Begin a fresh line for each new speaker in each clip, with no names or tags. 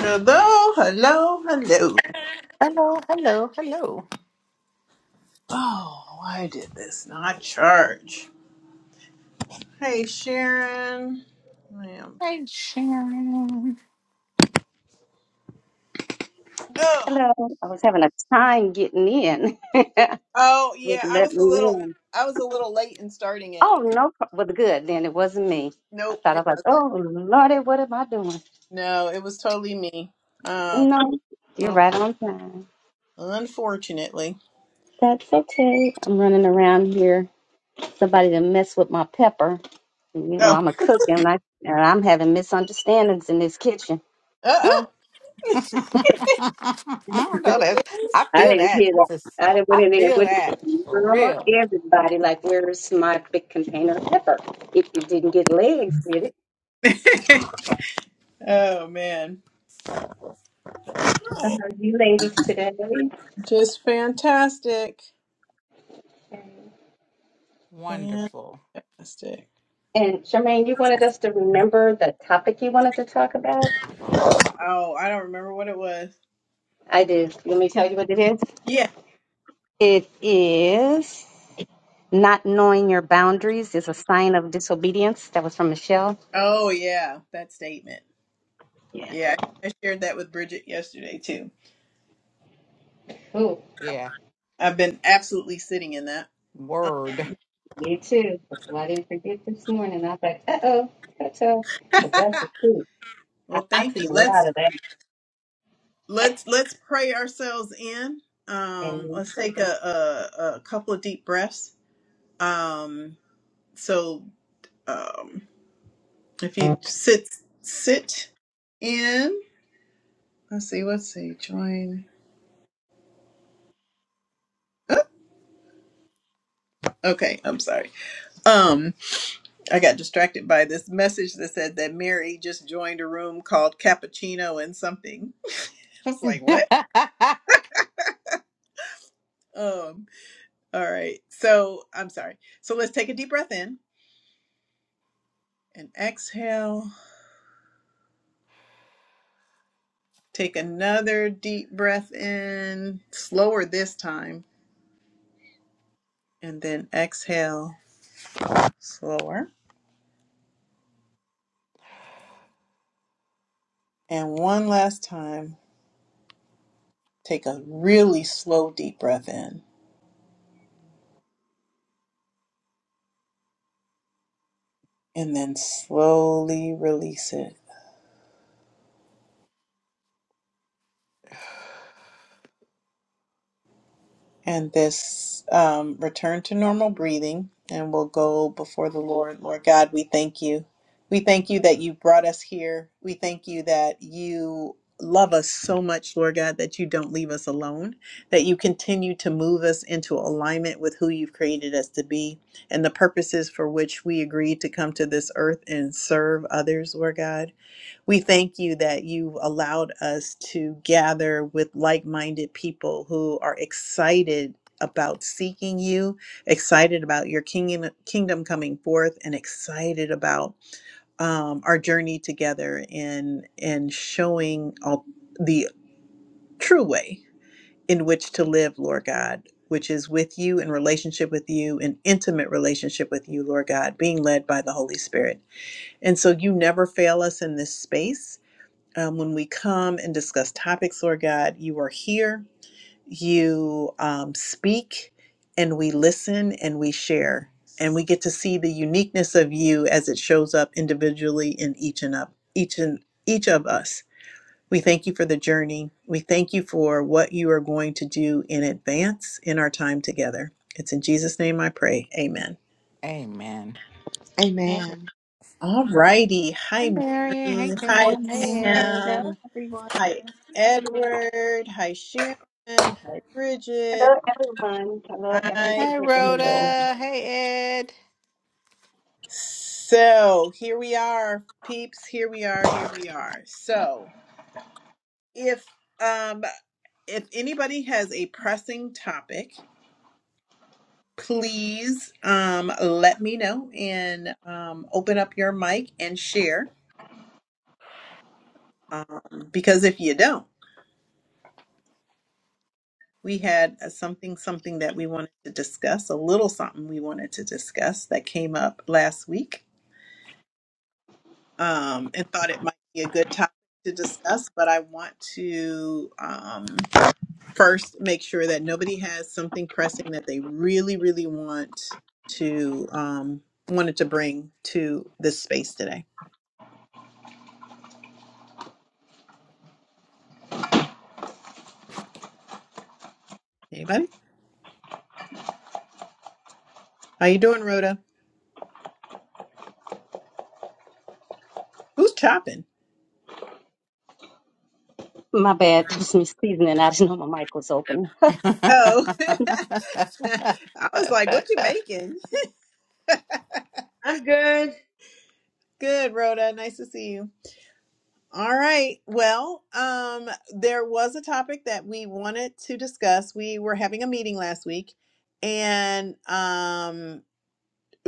Hello, hello, hello.
Hello, hello, hello.
Oh, why did this not charge? Hey, Sharon. Ma'am.
Hey, Sharon.
Oh,
Hello. I was having a time getting in.
oh
Would
yeah, I
let
was
me
a little,
in.
I was a little late in starting it.
Oh no. pro- Well, good then. It wasn't me. I
Nope,
thought I
it
was. like,
wasn't.
Oh Lordy, what am I doing?
No, it was totally me. Um,
No, you're
well,
right on time.
unfortunately.
That's okay. I'm running around here. Somebody to mess with my pepper. And, You know
Oh,
I'm a cook, and I and I'm having misunderstandings in this kitchen.
uh oh.
I know that's, I
I
feel
didn't
that.
hear that.
This-
I didn't went
I
in there and
feel
went
that
to
for
Mama,
real.
everybody, like, where's my big container of pepper? If you didn't get legs, did it?
Oh man,
uh, you ladies today.
just fantastic, fantastic.
Wonderful.
And Charmaine, you wanted us to remember the topic you wanted to talk about?
Oh, I don't remember what it was.
I did. Let me tell you what it is.
Yeah.
It is not knowing your boundaries is a sign of disobedience. That was from Michelle.
Oh yeah, that statement.
Yeah.
Yeah, I shared that with Bridget yesterday too.
Oh,
Yeah.
I've been absolutely sitting in that.
Word.
me too. That's why I didn't forget this morning. I was like, uh oh, that's Because that's the truth. I,
Well,
I
thank
see
you.
a
Let's
lot of that.
let's let's pray ourselves in. Um,
And
let's take a, a a couple of deep breaths. Um, so um, if you sit sit in, let's see, let's see, join. Okay, I'm sorry. Um, I got distracted by this message that said that Mary just joined a room called Cappuccino and something. I was like, what? Um, All right. So I'm sorry. So let's take a deep breath in and exhale. Take another deep breath in, slower this time, and then exhale slower. And one last time, take a really slow deep breath in and then slowly release it. and this um, return to normal breathing, and we'll go before the Lord. Lord God, we thank you. We thank you that you brought us here. We thank you that you love us so much, Lord God, that you don't leave us alone, that you continue to move us into alignment with who you've created us to be and the purposes for which we agreed to come to this earth and serve others, Lord God. We thank you that you've allowed us to gather with like minded people who are excited about seeking you, excited about your kingdom, kingdom coming forth, and excited about um, our journey together in, in showing all the true way in which to live, Lord God. Which is with you in relationship with you, in intimate relationship with you, Lord God, being led by the Holy Spirit. And so you never fail us in this space um, when we come and discuss topics, Lord God, you are here, you um, speak, and we listen and we share. And we get to see the uniqueness of you as it shows up individually in each and up each and each of us. We thank you for the journey. We thank you for what you are going to do in advance in our time together. It's in Jesus' name I pray. Amen.
Amen.
Amen.
Amen.
All righty.
Hey,
Hi,
Mary. Hey,
Mary. Hi,
Pam. Hey, Ed.
Hello,
Pam.
everyone.
Hi, Edward. Hi, Sharon. Hi, Bridget.
hello, everyone. Hello, every,
Hi,
Hey,
every,
people.
everyone.
Rhoda. Hey, Ed.
So here we are, peeps. Here we are. Here we are. So if um if anybody has a pressing topic, please um let me know and um open up your mic and share. Um, because if you don't. we had a something something that we wanted to discuss a little something we wanted to discuss that came up last week um, and thought it might be a good topic to discuss but i want to um, first make sure that nobody has something pressing that they really really want to um, wanted to bring to this space today anybody how you doing rhoda who's chopping
My bad. That was me sneezing and I didn't know my mic was open.
oh i was like what you making
I'm good.
good rhoda nice to see you All right. Well, um, there was a topic that we wanted to discuss. We were having a meeting last week and um,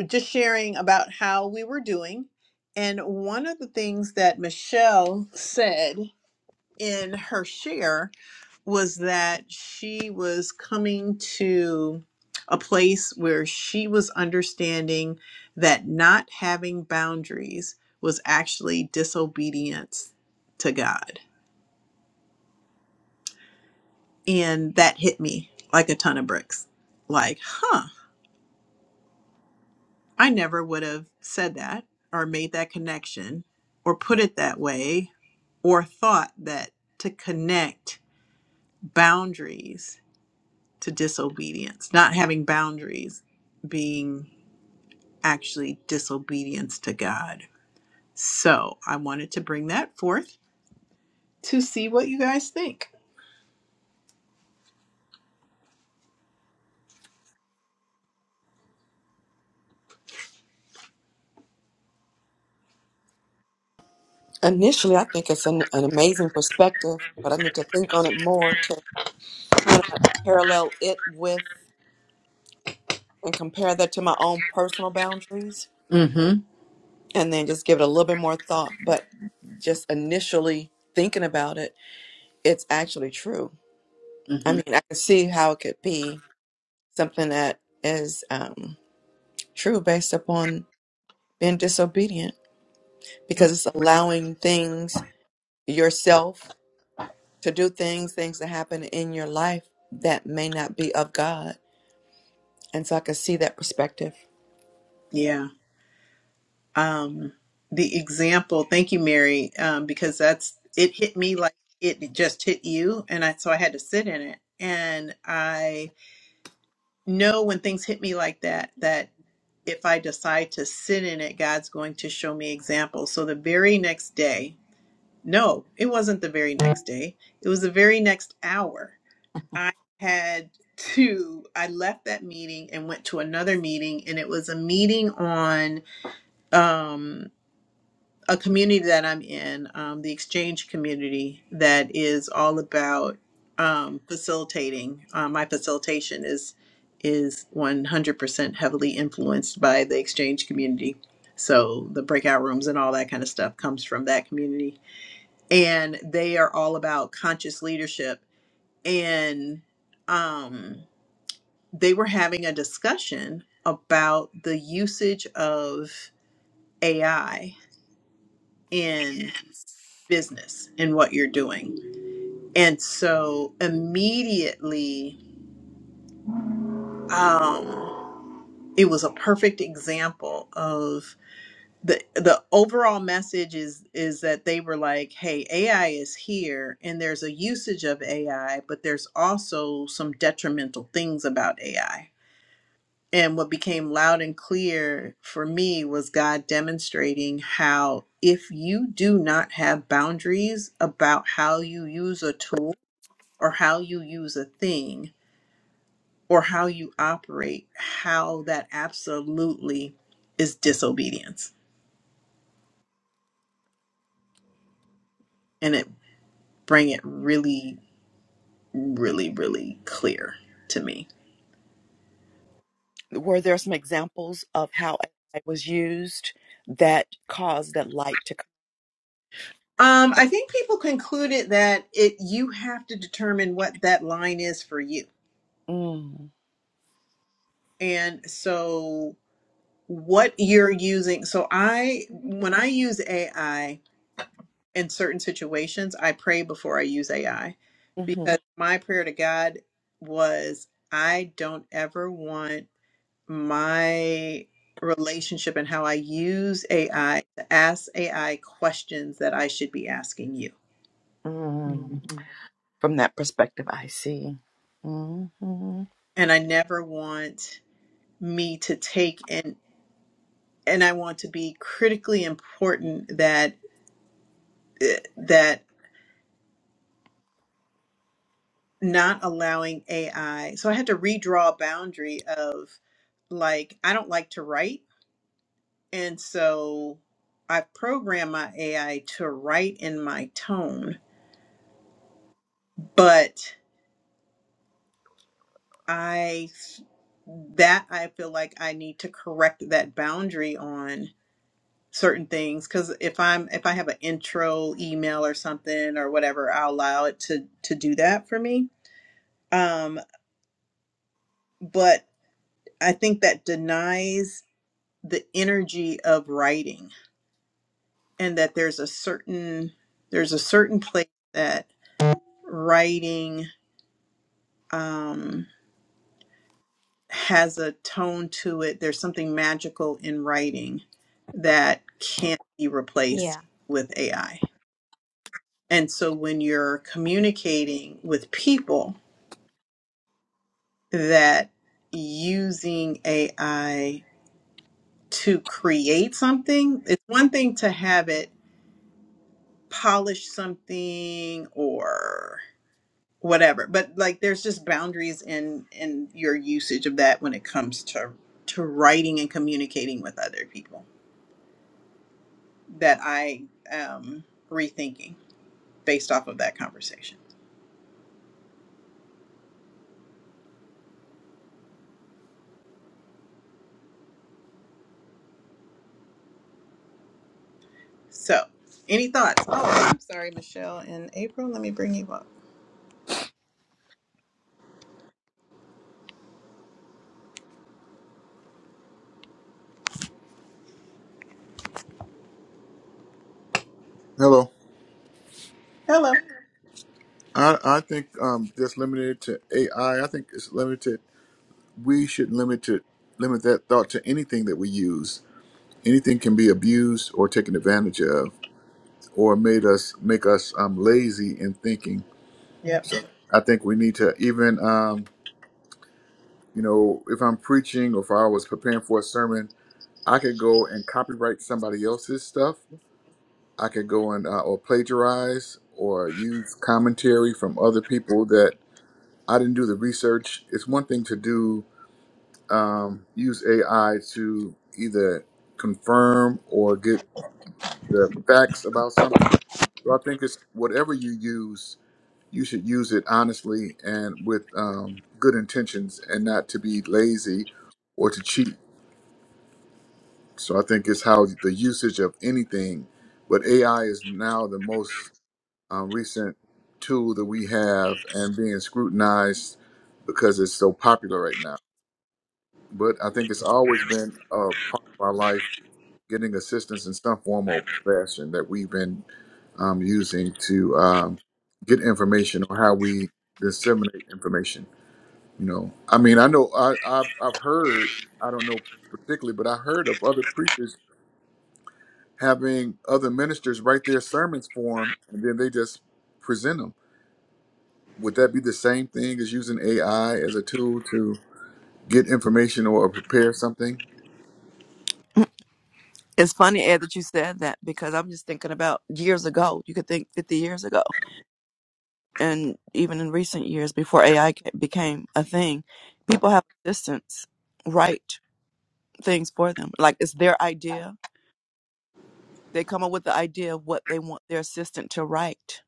just sharing about how we were doing. And one of the things that Michelle said in her share was that she was coming to a place where she was understanding that not having boundaries was actually disobedience to God And that hit me like a ton of bricks. Like, huh, I never would have said that or made that connection or put it that way or thought that to connect boundaries to disobedience, not having boundaries being actually disobedience to God. So I wanted to bring that forth to see what you guys think.
Initially, I think it's an, an amazing perspective, but I need to think on it more to kind of parallel it with and compare that to my own personal boundaries
Mm-hmm.
and then just give it a little bit more thought. But just initially thinking about it, it's actually true. I mean,
Mm-hmm.
I can see how it could be something that is um, true based upon being disobedient because it's allowing things yourself to do things, things that happen in your life that may not be of God. And so I can see that perspective.
Yeah. um, the example. Thank you, Mary, um, because that's it hit me like it just hit you, and I so I had to sit in it. And I know when things hit me like that, that if I decide to sit in it, God's going to show me examples. So the very next day, no, it wasn't the very next day. It was the very next hour. I had to. I left that meeting and went to another meeting, and it was a meeting on. Um, a community that I'm in, um, the exchange community, that is all about um, facilitating. Uh, my facilitation is is 100% heavily influenced by the exchange community. So the breakout rooms and all that kind of stuff comes from that community, and they are all about conscious leadership. And um, they were having a discussion about the usage of AI in. business and what you're doing. And so immediately, um, it was a perfect example of the the overall message is is that they were like, hey, AI is here and there's a usage of AI, but there's also some detrimental things about AI. And what became loud and clear for me was God demonstrating how if you do not have boundaries about how you use a tool, or how you use a thing or how you operate, how that absolutely is disobedience. And it bring it really, really, really clear to me.
Were there some examples of how AI was used that caused that light to
Um, I think people concluded that it you have to determine what that line is for you.
come?
And so what you're using. So I when I use AI, in certain situations, I pray before I use AI
Mm.
because my prayer to God was I don't ever want my relationship and how I use AI to ask AI questions that I should be asking you.
hmm
Mhm,
from that perspective. I see. hmm
And I never want me to take and and I want to be critically important that eh, that not allowing AI. So I had to redraw a boundary of like I don't like to write And so I've programmed my AI to write in my tone, but I that I feel like I need to correct that boundary on certain things cuz if I'm if I have an intro email or something or whatever, I'll allow it to to do that for me. Um but I think that denies the energy of writing and that there's a certain there's a certain place that writing um, has a tone to it. There's something magical in writing that can't be replaced
Yeah.
with AI. And so when you're communicating with people, that using AI to create something, it's one thing to have it polish something or whatever but like there's just boundaries in in your usage of that when it comes to to writing and communicating with other people that I am rethinking based off of that conversation. So, any thoughts? Oh, I'm sorry, Michelle and April. Let me bring you up.
Hello.
Hello.
I, I think um, just limited to AI. I I think it's limited. We should limit it, limit that thought to anything that we use. Anything can be abused or taken advantage of, or made us make us um, lazy in thinking.
Yep.
So I think we need to even, um, you know, if I'm preaching or if I was preparing for a sermon, I could go and copyright somebody else's stuff. I could go and uh, or plagiarize or use commentary from other people I didn't do the research. It's one thing to do um, use AI to either confirm or get the facts about something. So I think it's whatever you use, you should use it honestly and with um, good intentions, and not to be lazy or to cheat. So I think it's how the usage of anything, but AI is now the most uh, recent tool that we have and being scrutinized because it's so popular right now. but I think it's always been a part of our life getting assistance in some form or fashion that we've been um, using to um, get information or how we disseminate information. You know, I mean, I know I, I've, I've heard, I don't know particularly, but I heard of other preachers having other ministers write their sermons for them and then they just present them. Would that be the same thing as using AI as a tool to get information or prepare something?
It's funny, Ed, that you said that because I'm just thinking about years ago. You could think 50 years ago. and even in recent years before AI ca- became a thing, people have assistants write things for them. Like it's their idea. They come up with the idea of what they want their assistant to write,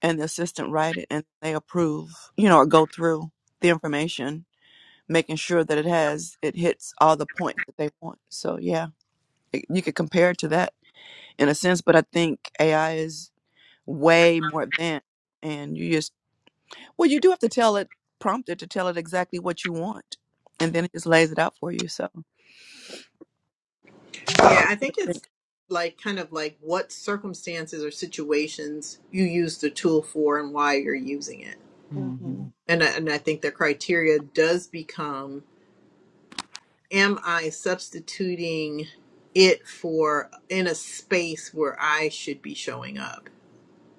and the assistant write it, and they approve, you know, or go through the information, making sure that it has it hits all the points that they want. So yeah, it- you could compare it to that in a sense, but I think AI is way more advanced, and you just Well, you do have to tell it, prompt it to tell it exactly what you want, and then it just lays it out for you. So,
Yeah, I think it's like kind of like what circumstances or situations you use the tool for and why you're using it.
Mm-hmm.
mhm,
And I, and I think the criteria does become am I substituting it for in a space where I should be showing up?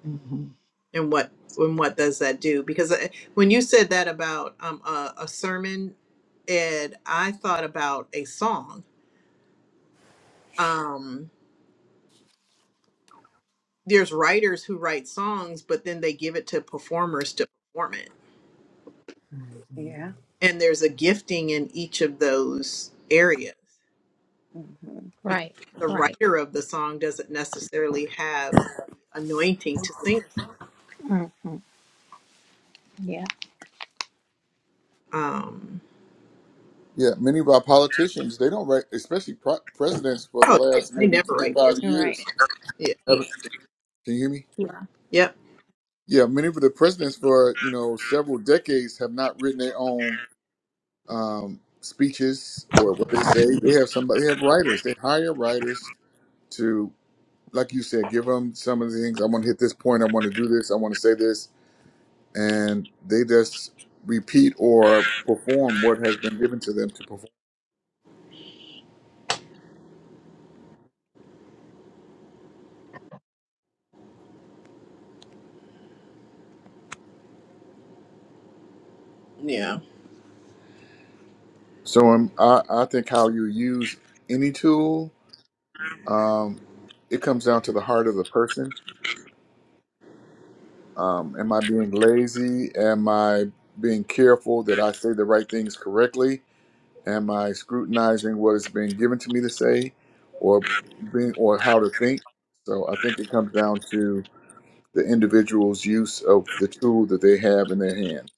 mhm,
and what and what does that do because I, when you said that about um a, a sermon Ed, i thought about a song um there's writers who write songs but then they give it to performers to perform it
Yeah.
and there's a gifting in each of those areas
Mm-hmm.
because
Right.
the
Right.
writer of the song doesn't necessarily have the anointing to sing
hmm Yeah.
a song um
Yeah, many of our politicians, they don't, rec- especially pro- presidents for the
oh yeah,
last
they
maybe
never write their
25
You're right.
years.
yeah
haven't- Can you hear me?
Yeah.
yep
Yeah, many of the presidents for, you know, several decades have not written their own um, speeches or what they say. They have somebody, they have writers. They hire writers to, like you said, give them some of the things. I want to hit this point. I want to do this. I want to say this. And they just repeat or perform what has been given to them to perform.
yeah
So um, I, I think how you use any tool Um, it comes down to the heart of the person. Um, am I being lazy? Am I being careful that I say the right things correctly? Am I scrutinizing what is being given to me to say, or being or how to think? So I think it comes down to the individual's use of the tool that they have in their hand.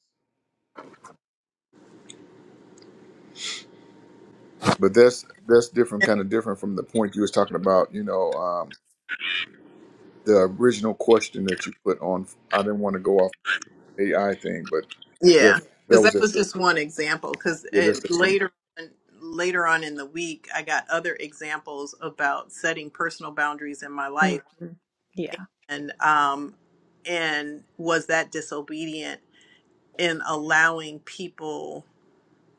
But that's that's different, kind of different from the point you was talking about. You know, um, the original question that you put on. I didn't want to go off AI thing, but
Yeah,
just that
because
was
that was
it.
just one example. Because
Yeah, that's the 20.
later, later on in the week, I got other examples about setting personal boundaries in my
hmm
life,
Yeah.
and um, and was that disobedient in allowing people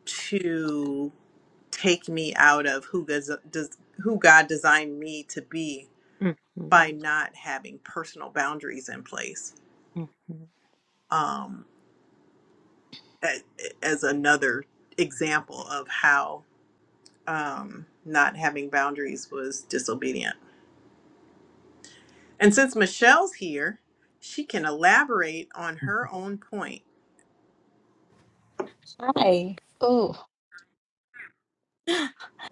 to take me out of who does, does who God designed me to be
hmm
by
hmm
not having personal boundaries in place. Um, a- as another example of how um, not having boundaries was disobedient. And since Michelle's here, she can elaborate on her own point.
Hi. Oh,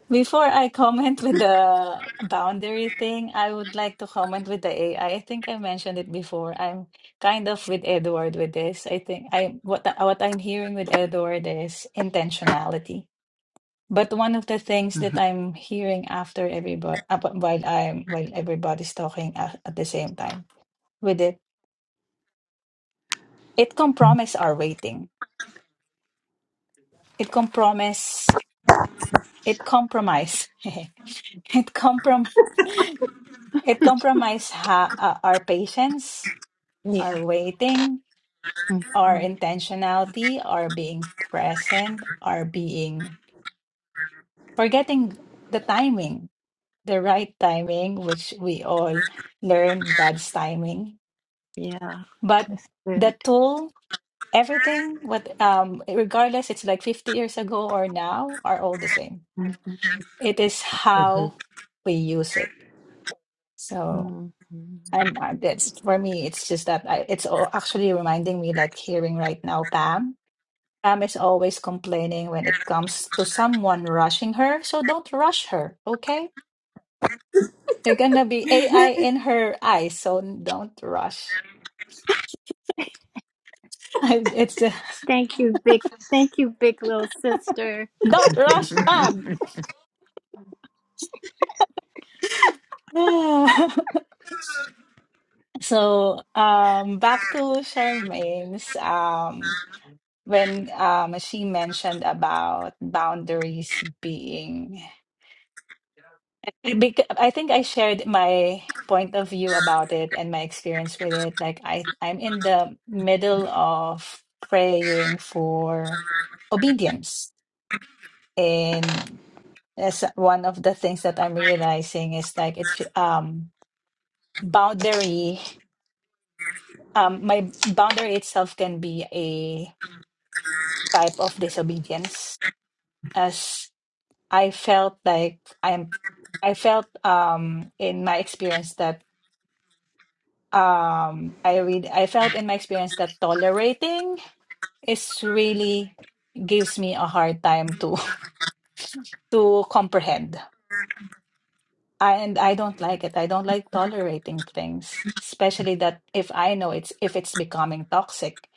before I comment with the boundary thing, I would like to comment with the AI. I I think I mentioned it before. I'm kind of with Edward with this. I think I what what I'm hearing with Edward is intentionality. But one of the things that
Mhm.
I'm hearing after everybody while I'm while everybody's talking at, at the same time with it, it compromise our waiting. It compromise. It compromise. it compromise It compromises ha- uh, our patience,
Yeah.
our waiting, our
hmm
intentionality, our being present, our being forgetting the timing, the right timing, which we all learn God's timing.
Yeah.
But
That's
the
good.
tool, everything, what um, regardless, it's like 50 years ago or now, are all the same.
hmm
It is
Mhm.
how we use it. So.
hmm
I'm, i that's for me. It's just that I, it's all actually reminding me, like hearing right now, Pam. Pam is always complaining when it comes to someone rushing her, so don't rush her, okay? You're gonna be AI in her eyes, so don't rush. I, it's uh,
Thank you, big. Thank you, big little sister.
don't rush,
mhm,
Pam. so, um, back to Charmaine's, um, when um she mentioned about boundaries being Because I think I shared my point of view about it and my experience with it. Like I, I'm in the middle of praying for obedience, and that's one of the things that I'm realizing is like it fe- um boundary um my boundary itself can be a type of disobedience as I felt like I'm I felt um in my experience that um I read I felt in my experience that tolerating is really gives me a hard time to to comprehend. I, and I don't like it. I don't like tolerating things, especially that if I know it's if it's becoming toxic.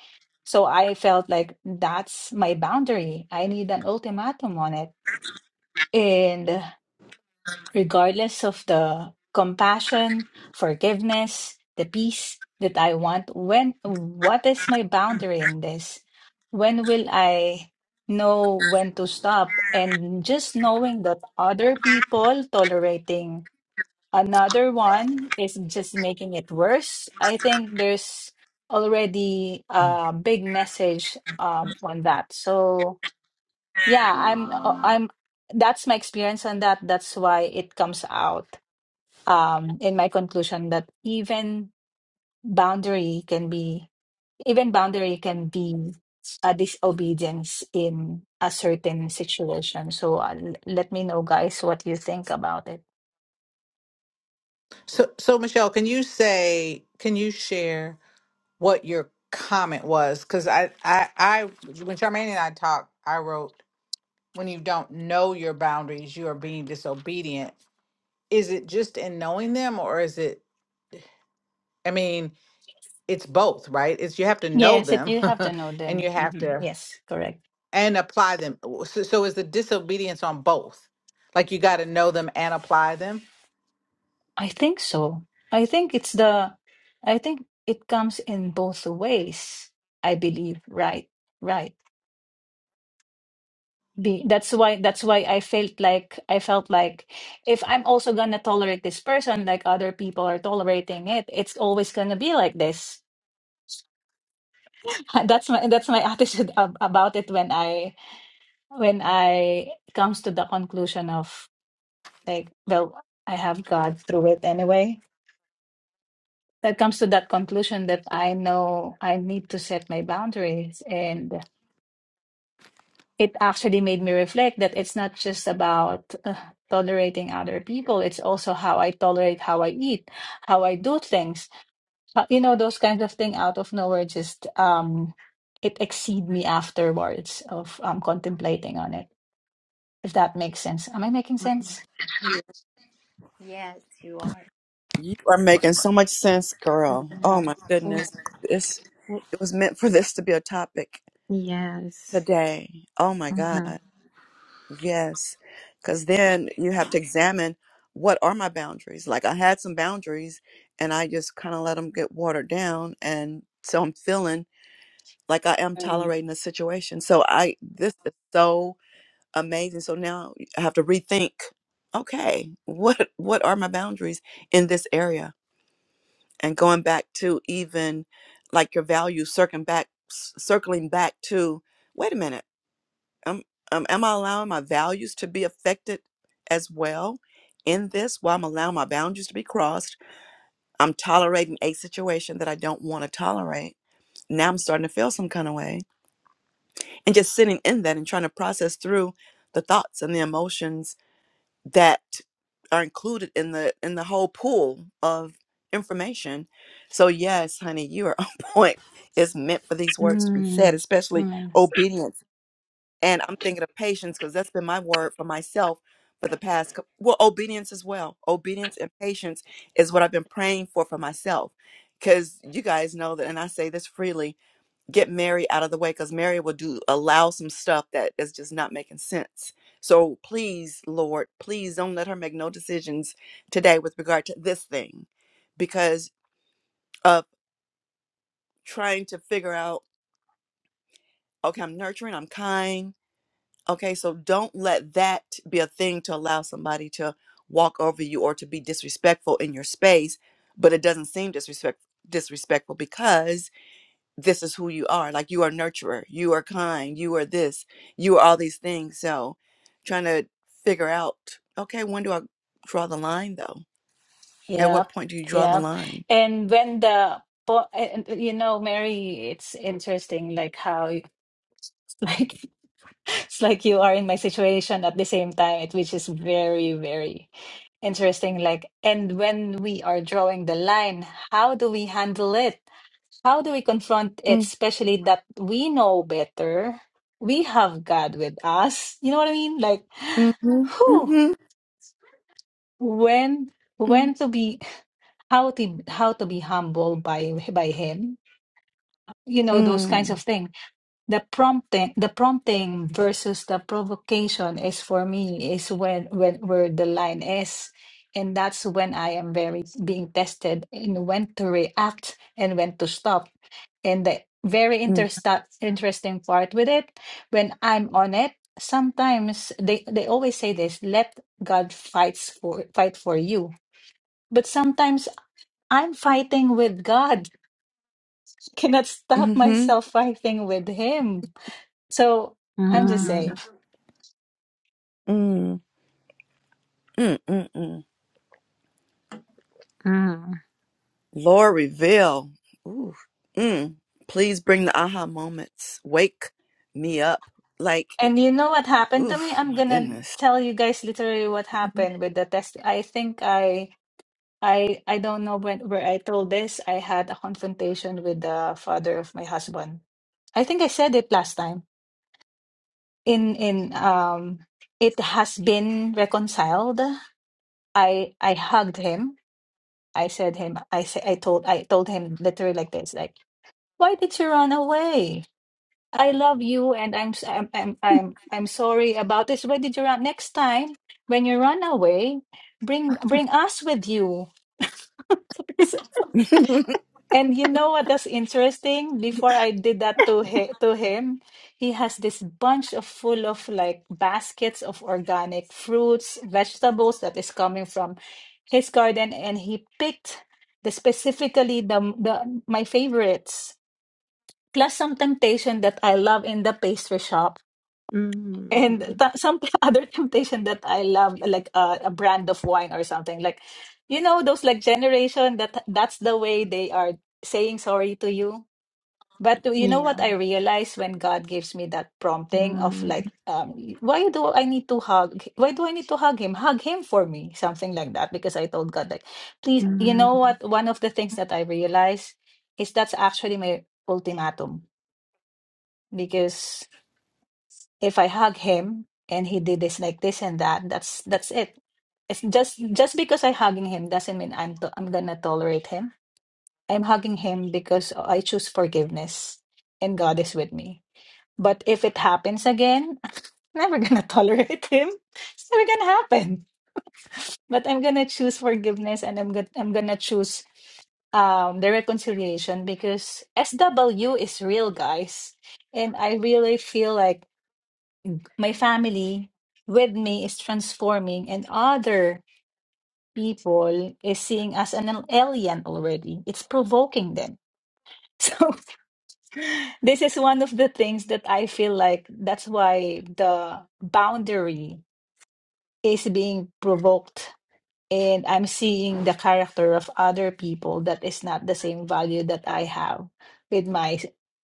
So I felt like that's my boundary. I need an ultimatum on it. and. regardless of the compassion, forgiveness, the peace that I want, when what is my boundary in this? When will I know when to stop? And just knowing that other people tolerating another one is just making it worse. I think there's already
mhm.
a big message um, on that. So yeah, I'm uh, I'm that's my experience on that. That's why it comes out um, in my conclusion that even boundary can be even boundary can be a disobedience in a certain situation. So uh, l- let me know, guys, what you think about it.
So, so Michelle, can you say, can you share what your comment was? Because I, I, I, when Charmaine and I talked, I wrote, when you don't know your boundaries, you are being disobedient. Is it just in knowing them, or is it? I mean, it's both, right? It's you have to know
Yes, it,
them,
you have to know
and
them.
you have
Mhm.
to
Yes, correct.
and apply them. So, so is the disobedience on both? Like you got to know them and apply them.
I think so. I think it's the. I think it comes in both ways. I believe. Right. Right. be that's why that's why i felt like i felt like if i'm also gonna tolerate this person like other people are tolerating it it's always gonna be like this that's my that's my attitude ab- about it when i when i comes to the conclusion of like well i have god through it anyway that comes to that conclusion that i know i need to set my boundaries and. it actually made me reflect that it's not just about uh, tolerating other people it's also how i tolerate how i eat how i do things Uh, you know those kinds of things out of nowhere just um it exceed me afterwards of um contemplating on it if that makes sense am i making sense
Yes, you are.
you are making so much sense, girl. Oh my goodness. This it was meant for this to be a topic
Yes.
today. Oh my
Mm.
God. Yes, because then you have to examine what are my boundaries. Like I had some boundaries and I just kind of let them get watered down. And so I'm feeling like I am tolerating the situation. So I, this is so amazing. So now I have to rethink, okay, what, what are my boundaries in this area? And going back to even like your values, circling back, circling back to, wait a minute um, um, am I allowing my values to be affected as well in this? While I'm allowing my boundaries to be crossed, I'm tolerating a situation that I don't want to tolerate. Now I'm starting to feel some kind of way, and just sitting in that and trying to process through the thoughts and the emotions that are included in the in the whole pool of information. So yes, honey, you are on point. It's meant for these words to be said,
Mm.
especially
Amen.
obedience and I'm thinking of patience because that's been my word for myself for the past, cou- well, obedience as well. Obedience and patience is what I've been praying for for myself. Because you guys know that, and I say this freely get Mary out of the way because Mary will do allow some stuff that is just not making sense. So please, Lord, please don't let her make no decisions today with regard to this thing because of trying to figure out okay, I'm nurturing, I'm kind Okay, so don't let that be a thing to allow somebody to walk over you or to be disrespectful in your space, but it doesn't seem disrespect disrespectful because this is who you are. Like you are nurturer, you are kind, you are this, you are all these things. So trying to figure out, okay, when do I draw the line though? At
Yep,
what point do you draw the
yep.
line?
And when the po- and, you know, Mary, it's interesting like how like It's like you are in my situation at the same time, it, which is very, very interesting. Like, and when we are drawing the line, how do we handle it? How do we confront it,
Mm,
especially that we know better? We have God with us. You know what I mean? Like,
mhm,
who,
mhm,
when,
mm,
when to be, how to, how to be humble by by Him. You know those kinds of
mm,
things. the prompting the prompting versus the provocation is for me is when when where the line is and that's when i am very being tested in when to react and when to stop and the very
mm,
intersta- interesting part with it when i'm on it sometimes they they always say this let god fights for fight for you but sometimes i'm fighting with god cannot stop
mhm,
myself fighting with him so I'm just
Mm.
saying.
mm, mm, mm, mm.
Mm.
Lord, reveal. Ooh. Mm. Please bring the aha moments. Wake me up. Like,
And you know what happened to me?
oof, oh
I'm
my
gonna
goodness.
tell you guys literally what happened with the test. I think I I I don't know when where I told this. I had a confrontation with the father of my husband. I think I said it last time. In in um it has been reconciled. I I hugged him. I said him I said I told I told him literally like this, like, why did you run away? I love you, and I'm s- I'm I'm I'm, I'm sorry about this. Where did you run? Next time when you run away, bring bring us with you. and you know what was interesting? Before I did that to he, to him, he has this bunch of full of like baskets of organic fruits, vegetables that is coming from his garden, and he picked the specifically the the my favorites. Plus some temptation that I love in the pastry shop And
Mm.
t- some other temptation that I love, like uh, a brand of wine or something, like you know those like generation that that's the way they are saying sorry to you. But you know
Yeah.
what I realize when God gives me that prompting of like,
Mm.
um, why do I need to hug? Why do I need to hug him? Hug him for me, something like that. Because I told God like, please, you know
Mm.
what? One of the things that I realize is that's actually my ultimatum because if I hug him and he did this like this and that, that's that's it. It's just just because I hugging him doesn't mean I'm to, I'm gonna tolerate him. I'm hugging him because I choose forgiveness and God is with me. But if it happens again, I'm never gonna tolerate him. It's never gonna happen. But I'm gonna choose forgiveness and I'm gonna I'm gonna choose um the reconciliation because SW is real, guys. And I really feel like my family with me is transforming, and other people is seeing us an alien already. It's provoking them. So this is one of the things that I feel like that's why the boundary is being provoked. And I'm seeing the character of other people that is not the same value that I have with my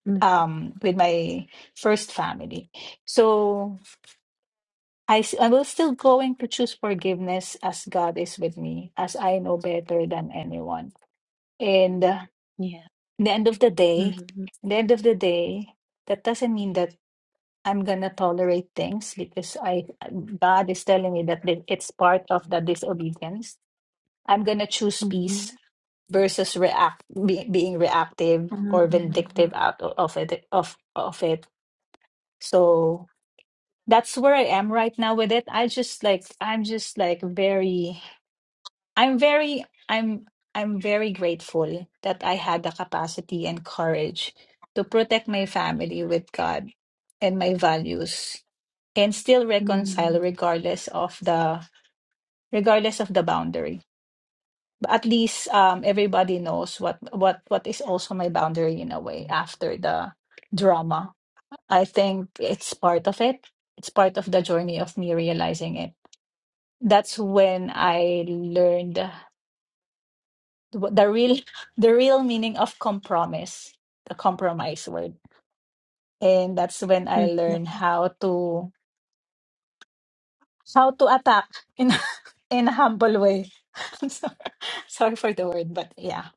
Mm.
um with my first family. So I, s- I will still going to choose forgiveness as God is with me, as I know better than anyone. And uh,
Yeah.
in the end of the day,
Mm-hmm.
in the end of the day, that doesn't mean that I'm gonna tolerate things because I God is telling me that the- it's part of the disobedience. I'm gonna choose peace
Mhm.
versus react be, being reactive or vindictive
Mhm.
out o- of it of of it. So that's where I am right now with it. I just like I'm just like very I'm very I'm I'm very grateful that I had the capacity and courage to protect my family with God and my values and still reconcile
Mhm.
regardless of the regardless of the boundary. But at least um everybody knows what what what is also my boundary in a way after the drama. I think it's part of it. It's part of the journey of me realizing it. That's when I learned the the real the real meaning of compromise the compromise word and that's when i
Mhm.
learned how to how to attack in in a humble way I'm sorry, sorry for the word but yeah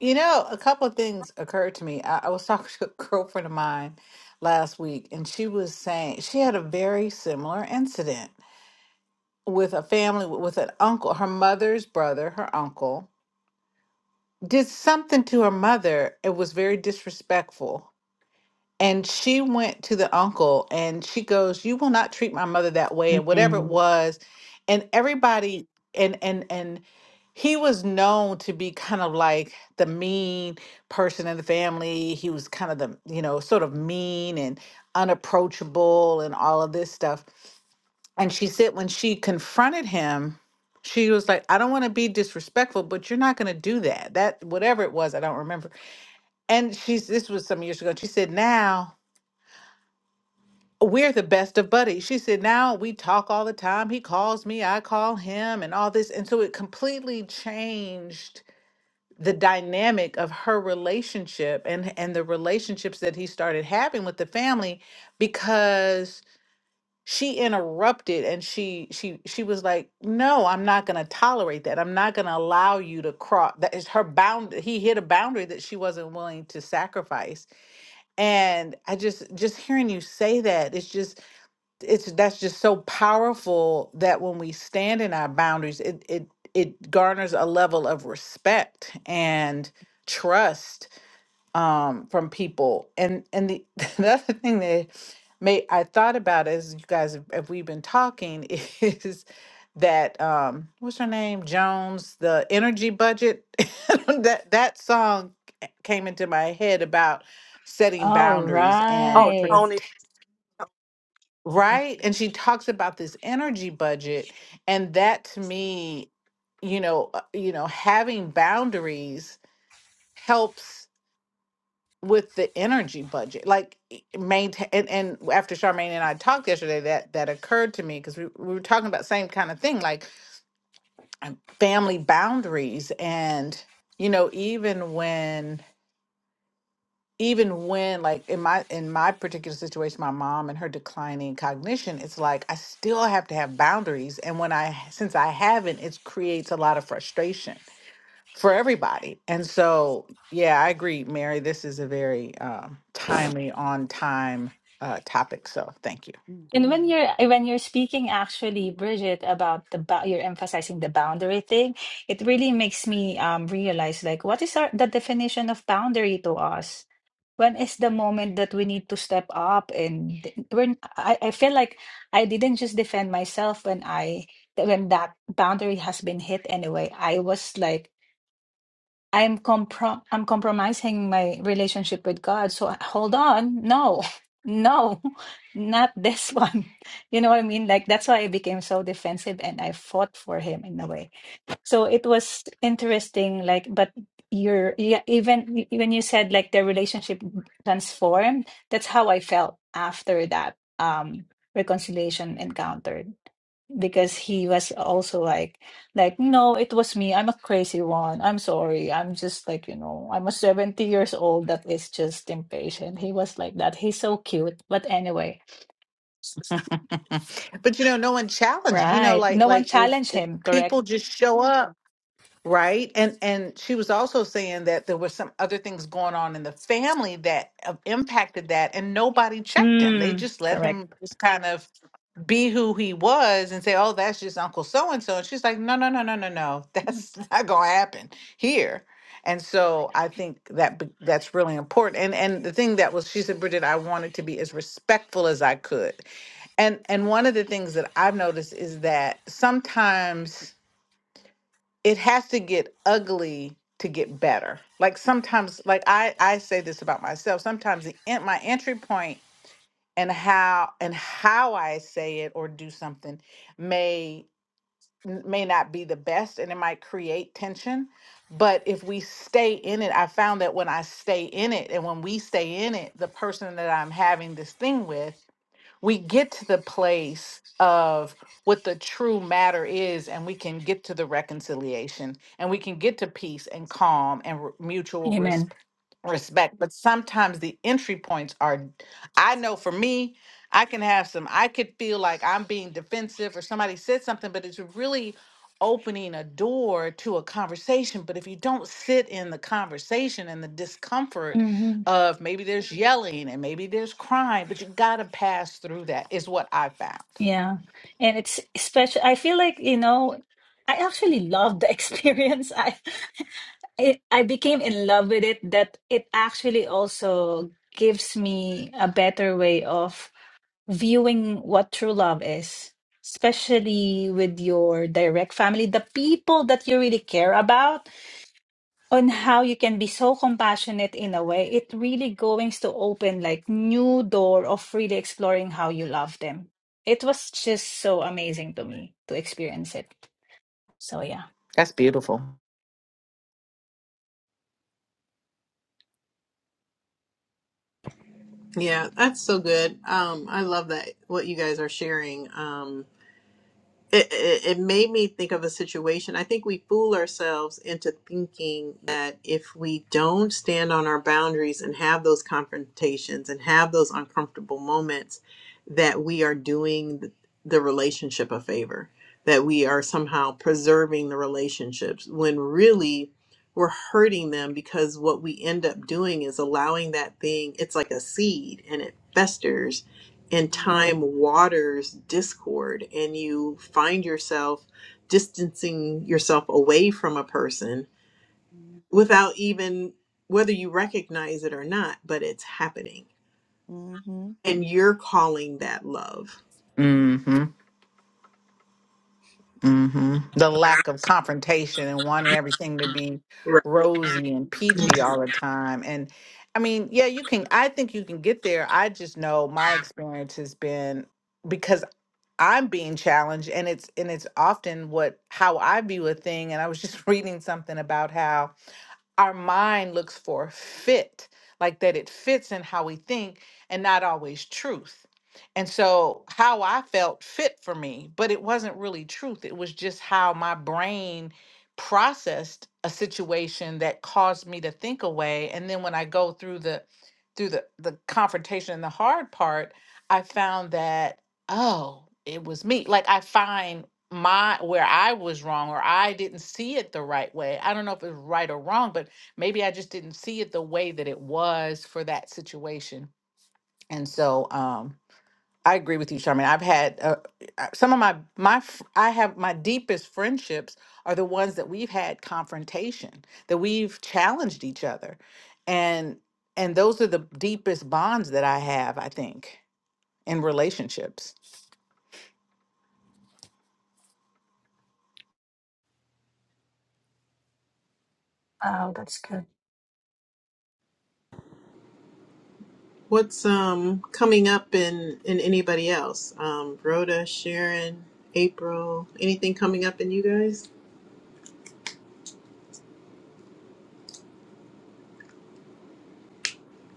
You know, a couple of things occurred to me. I, I was talking to a girlfriend of mine last week, and she was saying she had a very similar incident with a family, with an uncle, her mother's brother, her uncle, did something to her mother. It was very disrespectful. And she went to the uncle and she goes, You will not treat my mother that way, and whatever it
Mm.
was. And everybody and and and he was known to be kind of like the mean person in the family. He was kind of the, you know, sort of mean and unapproachable and all of this stuff. And she said when she confronted him, she was like, I don't want to be disrespectful, but you're not going to do that. That, whatever it was, I don't remember. And she's, this was some years ago. She said, Now we're the best of buddies. She said, now we talk all the time. He calls me, I call him, and all this. And so it completely changed the dynamic of her relationship and and the relationships that he started having with the family because she interrupted and she she she was like no i'm not going to tolerate that i'm not going to allow you to cross that is her bound he hit a boundary that she wasn't willing to sacrifice and i just just hearing you say that it's just it's that's just so powerful that when we stand in our boundaries it it it garners a level of respect and trust um from people and and the, the other thing that may i thought about as you guys have, have we've been talking is that um what's her name jones the energy budget that that song came into my head about setting
all
boundaries and
oh,
right
Tony.
Right? And she talks about this energy budget and that to me, you know, uh, you know, having boundaries helps with the energy budget. Like i- maintain and, and after Charmaine and I talked yesterday that that occurred to me because we, we were talking about same kind of thing like um, family boundaries and you know even when even when like in my in my particular situation my mom and her declining cognition it's like i still have to have boundaries and when i since i haven't it creates a lot of frustration for everybody and so yeah i agree mary this is a very um, timely on time uh, topic so thank you
And when
Mm-hmm.
you're when you're speaking actually, Bridget, about the bou- you're emphasizing the boundary thing, it really makes me um realize like what is our the definition of boundary to us? When is the moment that we need to step up and d- when I, I feel like I didn't just defend myself when I when that boundary has been hit anyway. I was like I'm comprom I'm compromising my relationship with God. So hold on. No, no, not this one. You know what I mean? Like that's why I became so defensive and I fought for him in a way. So it was interesting, like, but you're yeah, even when you said like the relationship transformed, that's how I felt after that um reconciliation encounter because he was also like like no it was me i'm a crazy one i'm sorry i'm just like you know i'm a 70 years old that is just impatient he was like that he's so cute but anyway
but you know no one challenged you know
right
like
no one
like if
challenged
if
him correct
people just show up right and and she was also saying that there were some other things going on in the family that uh, impacted that and nobody checked him they
mm,
just let
correct
him just kind of be who he was and say oh that's just uncle so and so and she's like no no no no no no that's not going to happen here and so i think that be- that's really important and and the thing that was she said bridget i wanted to be as respectful as i could and and one of the things that i've noticed is that sometimes it has to get ugly to get better. Like sometimes, like I I say this about myself. Sometimes the en- my entry point and how and how I say it or do something may n- may not be the best, and it might create tension. But if we stay in it, I found that when I stay in it, and when we stay in it, the person that I'm having this thing with we get to the place of what the true matter is and we can get to the reconciliation and we can get to peace and calm and re- mutual res-
amen
respect but sometimes the entry points are i know for me i can have some i could feel like i'm being defensive or somebody said something but it's really opening a door to a conversation but if you don't sit in the conversation and the discomfort
hmm
of maybe there's yelling and maybe there's crying, but you gotta pass through that is what I found.
yeah and it's especially i feel like you know i actually love the experience I, I i became in love with it that it actually also gives me a better way of viewing what true love is, especially with your direct family, the people that you really care about, on how you can be so compassionate in a way, it really goings to open like new door of really exploring how you love them. It was just so amazing to me to experience it. So yeah.
That's beautiful.
Yeah, that's so good. Um, I love that what you guys are sharing. Um, it, it, it made me think of a situation. I think we fool ourselves into thinking that if we don't stand on our boundaries and have those confrontations and have those uncomfortable moments, that we are doing the, the relationship a favor, that we are somehow preserving the relationships when really we're hurting them because what we end up doing is allowing that thing, it's like a seed and it festers and
Mm-hmm.
time waters discord and you find yourself distancing yourself away from a person without even whether you recognize it or not but it's happening
Mm-hmm.
and you're calling that love
Mm-hmm. Mm-hmm. The lack of confrontation and wanting everything to be
right
rosy and peachy
Mhm.
all the time. And I mean, yeah, you can I think you can get there. I just know my experience has been because I'm being challenged and it's and it's often what how I view a thing. And I was just reading something about how our mind looks for fit, like that it fits in how we think and not always truth. And so, how I felt fit for me, but it wasn't really truth. It was just how my brain processed a situation that caused me to think away. And then when I go through the through the the confrontation and the hard part, I found that oh, it was me. Like I find my where I was wrong or I didn't see it the right way. I don't know if it's right or wrong, but maybe I just didn't see it the way that it was for that situation. And so um, I agree with you, Charmin. I've had uh, uh, some of my my fr- I have my deepest friendships are the ones that we've had confrontation, that we've challenged each other, and and those are the deepest bonds that I have. I think in relationships.
Wow, that's good.
what's um coming up in in anybody else um rhoda sharon april anything coming up in you guys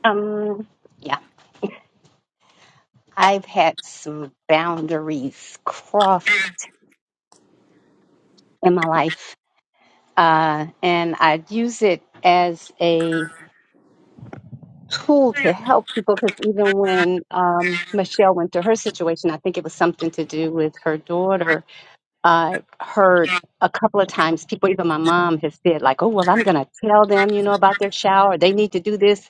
Um, yeah, I've had some boundaries crossed in my life, uh, and I use it as a tool to help people because even when um, Michelle went through her situation, I think it was something to do with her daughter. I heard a couple of times people, even my mom, has said like, "Oh, well, I'm going to tell them, you know, about their shower. They need to do this."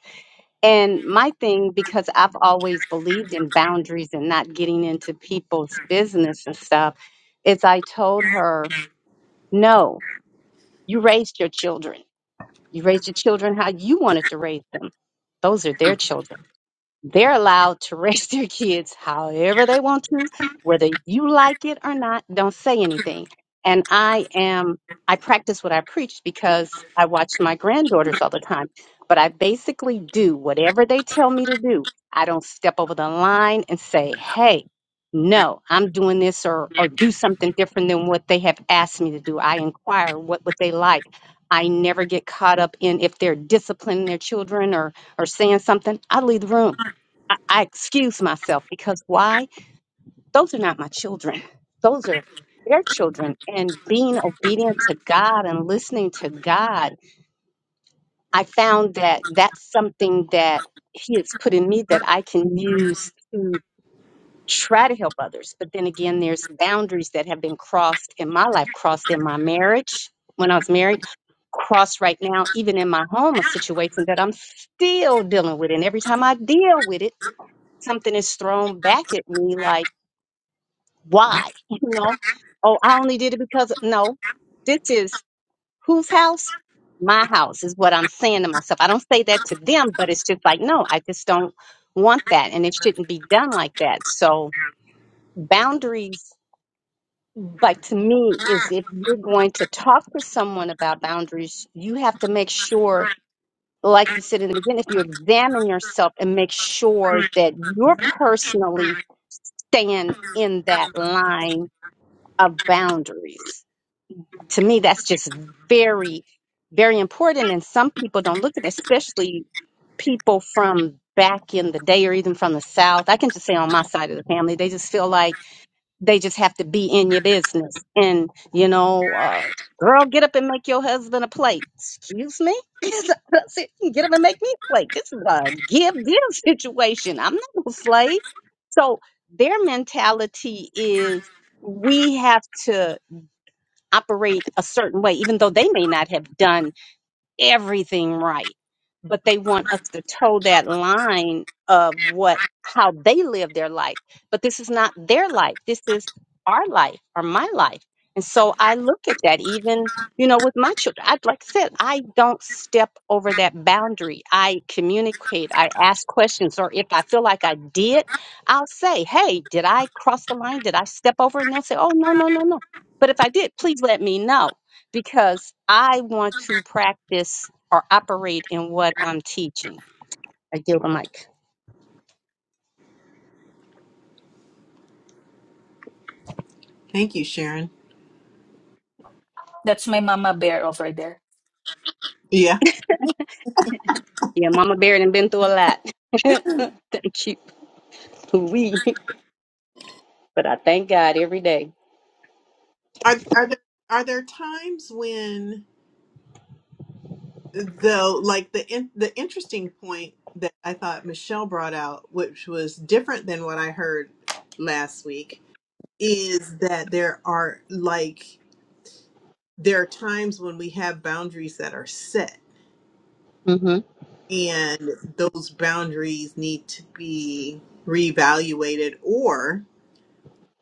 And my thing, because I've always believed in boundaries and not getting into people's business and stuff, is I told her, no, you raised your children. You raised your children how you wanted to raise them. Those are their children. They're allowed to raise their kids however they want to, whether you like it or not. Don't say anything. And I am, I practice what I preach because I watch my granddaughters all the time, but I basically do whatever they tell me to do. I don't step over the line and say, hey, no, I'm doing this or, or do something different than what they have asked me to do. I inquire what would they like. I never get caught up in if they're disciplining their children or or saying something, I leave the room I, I excuse myself because why? Those are not my children. Those are their children. And being obedient to God and listening to God, I found that that's something that He has put in me that I can use to try to help others. But then again, there's boundaries that have been crossed in my life, crossed in my marriage when I was married. Crossed right now, even in my home, a situation that I'm still dealing with. And every time I deal with it, something is thrown back at me like, why? You know, oh, I only did it because no, this is whose house? My house is what I'm saying to myself. I don't say that to them, but it's just like, no, I just don't want that. And it shouldn't be done like that. So boundaries, like to me, is if you're going to talk to someone about boundaries, you have to make sure, like you said in the beginning, if you examine yourself and make sure that you're personally staying in that line of boundaries to me that's just very very important and some people don't look at it especially people from back in the day or even from the south i can just say on my side of the family they just feel like they just have to be in your business and you know uh, girl get up and make your husband a plate excuse me That's it. get up and make me a plate this is a give give situation i'm not a slave so their mentality is we have to operate a certain way, even though they may not have done everything right, but they want us to toe that line of what how they live their life. But this is not their life. This is our life or my life. And so I look at that even, you know, with my children. I like I said, I don't step over that boundary. I communicate, I ask questions, or if I feel like I did, I'll say, Hey, did I cross the line? Did I step over? And they'll say, Oh no, no, no, no. But if I did, please let me know because I want to practice or operate in what I'm teaching. I give a mic.
Thank you, Sharon.
That's my mama bear over there.
Yeah.
Yeah, Mama Bear done been through a lot. thank you. We, but I thank God every day.
Are are there are there times when though like the in, the interesting point that I thought Michelle brought out, which was different than what I heard last week, is that there are like there are times when we have boundaries that are set
Mm-hmm.
and those boundaries need to be reevaluated or.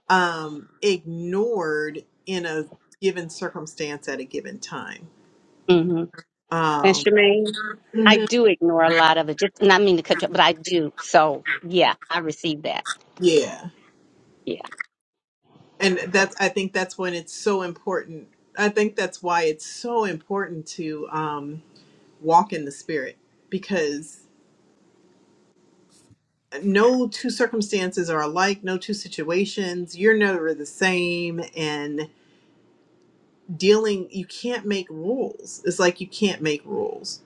um, ignored in a given circumstance at a given time.
Mm-hmm. And
Um,
Shemaine, I
Mhm.
do ignore a lot of it. Just not mean to cut you, up, but I do. So yeah, I receive that.
Yeah,
Yeah.
and that's I think that's when it's so important. I think that's why it's so important to um, walk in the spirit because no two circumstances are alike. No two situations. You're never the same. And dealing, you can't make rules. It's like you can't make rules.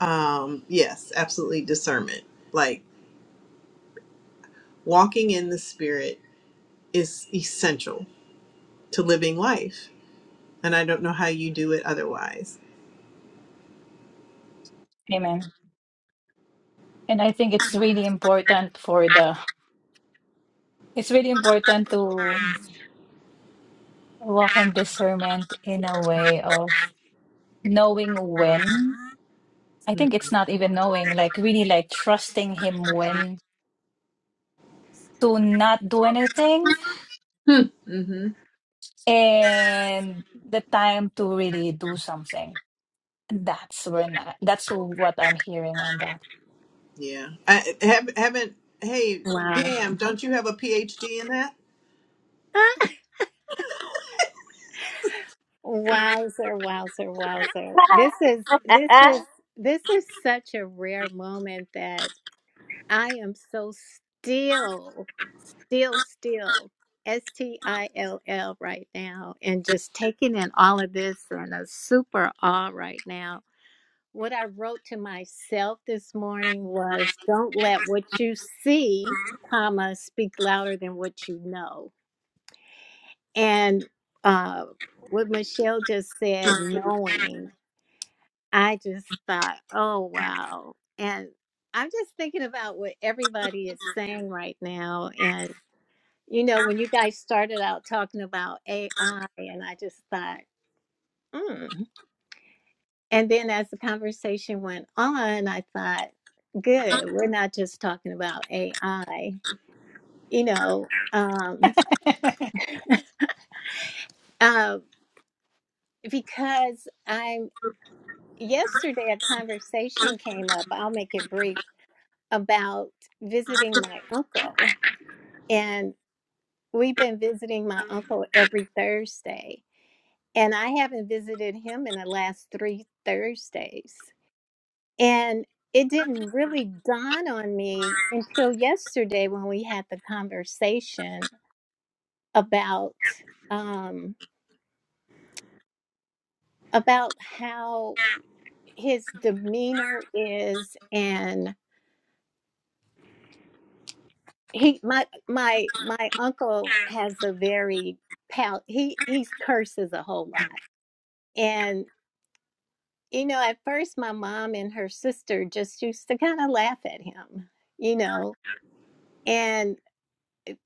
Um, yes, absolutely discernment. Like Walking in the Spirit is essential to living life. And I don't know how you do it otherwise.
Amen. And I think it's really important for the it's really important to Walk in discernment in a way of knowing when.
Mm.
I
hmm
think it's not even knowing, like really like trusting him when to not do anything
hmm Mm-hmm.
and the time to really do something. That's when I, that's what I'm hearing on that.
Yeah. I, I have, haven't, hey,
Wow.
damn! don't you have a PhD in that?
Ah, Wowzer, wowzer, wowzer. This is this is this is such a rare moment that I am so still, still, still, S T I L L right now and just taking in all of this and a super awe right now What I wrote to myself this morning was don't let what you see, comma, speak louder than what you know. And uh, what Michelle just said, knowing, I just thought, oh, wow. And I'm just thinking about what everybody is saying right now. And, you know, when you guys started out talking about AI, and I just thought, "Hmm." And then as the conversation went on, I thought, good, we're not just talking about AI, you know, um, uh, because I'm yesterday a conversation came up, I'll make it brief, about visiting my uncle. And we've been visiting my uncle every Thursday. And I haven't visited him in the last three Thursdays. And it didn't really dawn on me until yesterday when we had the conversation about um, about how his demeanor is, and he my my my uncle has a very pal he he curses a whole lot, and you know at first my mom and her sister just used to kind of laugh at him, you know, and.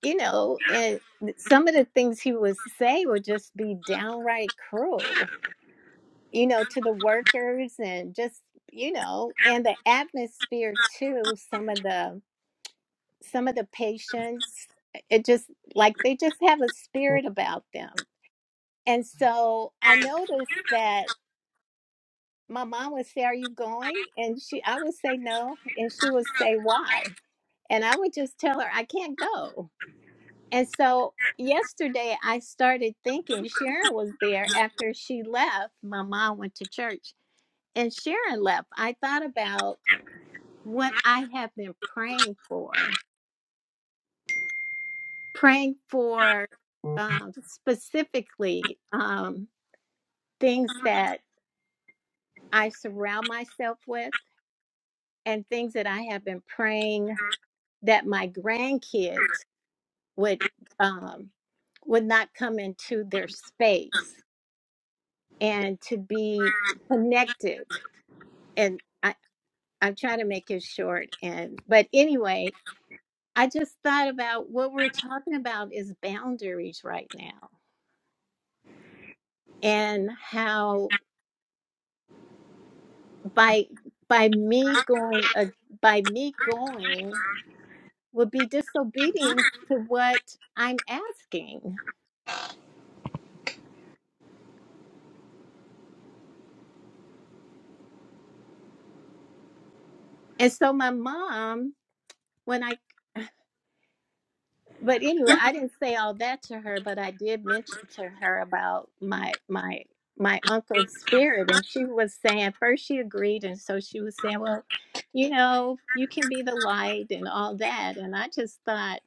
you know, and some of the things he would say would just be downright cruel, you know, to the workers and just, you know, and the atmosphere too, some of the some of the patients, it just like they just have a spirit about them. And so I noticed that my mom would say, Are you going? And she I would say no. And she would say, Why? And I would just tell her, I can't go And so yesterday I started thinking Sharon was there after she left. My mom went to church and Sharon left. I thought about what I have been praying for, praying for um, specifically um, things that I surround myself with and things that I have been praying that my grandkids would um, would not come into their space and to be connected and I, I'm trying to make it short and but anyway, I just thought about what we're talking about is boundaries right now and how by by me going a, by me going would be disobedience to what I'm asking. And so my mom, when I But anyway, I didn't say all that to her, but I did mention to her about my my my uncle's spirit, and she was saying first she agreed, and so she was saying, well, you know, you can be the light and all that, and I just thought,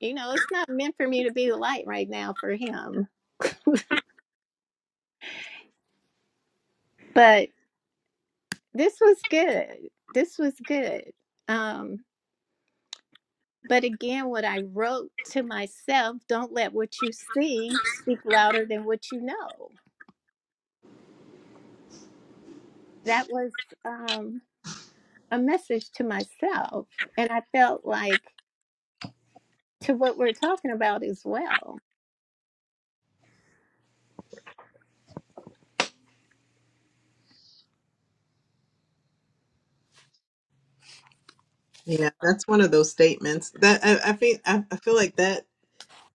you know, it's not meant for me to be the light right now for him, but this was good. This was good. Um, but again, what I wrote to myself, don't let what you see speak louder than what you know that was um, a message to myself, and I felt like to what we're talking about as well.
Yeah, that's one of those statements that I, I think I, I feel like that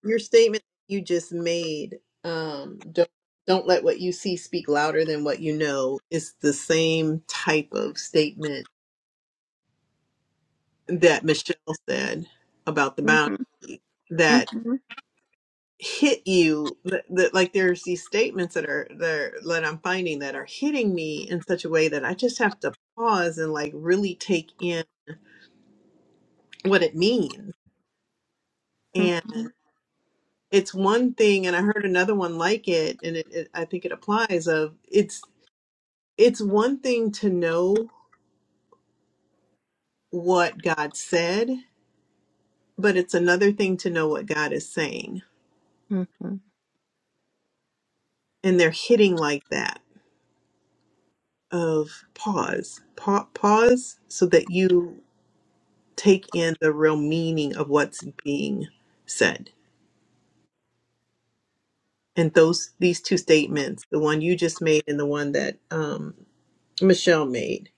your statement you just made um don't don't let what you see speak louder than what you know is the same type of statement that michelle said about the
hmm
boundary
hmm
that hit you that, that like there's these statements that are there that i'm finding that are hitting me in such a way that i just have to pause and like really take in what it means
hmm
and it's one thing and i heard another one like it and it, it i think it applies of it's it's one thing to know what God said, but it's another thing to know what God is saying.
hmm
And they're hitting like that of pause, pa- pause so that you take in the real meaning of what's being said. And those these two statements, the one you just made and the one that um, Michelle made,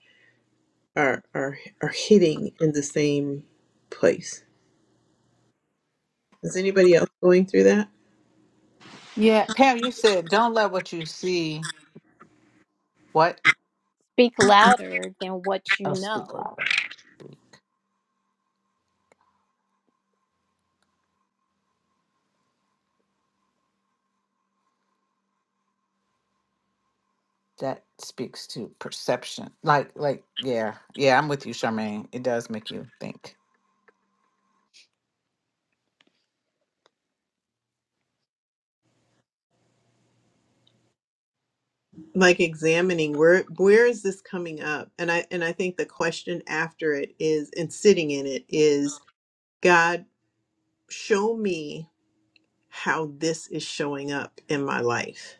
are are are hitting in the same place. Is anybody else going through that?
Yeah, Pam, you said don't let what you see. What?
Speak louder than what you
Oh, speak
know.
louder. that speaks to perception. Like, like, yeah, yeah, I'm with you, Charmaine. It does make you think.
like examining where where is this coming up and i and i think the question after it is and sitting in it is god show me how this is showing up in my life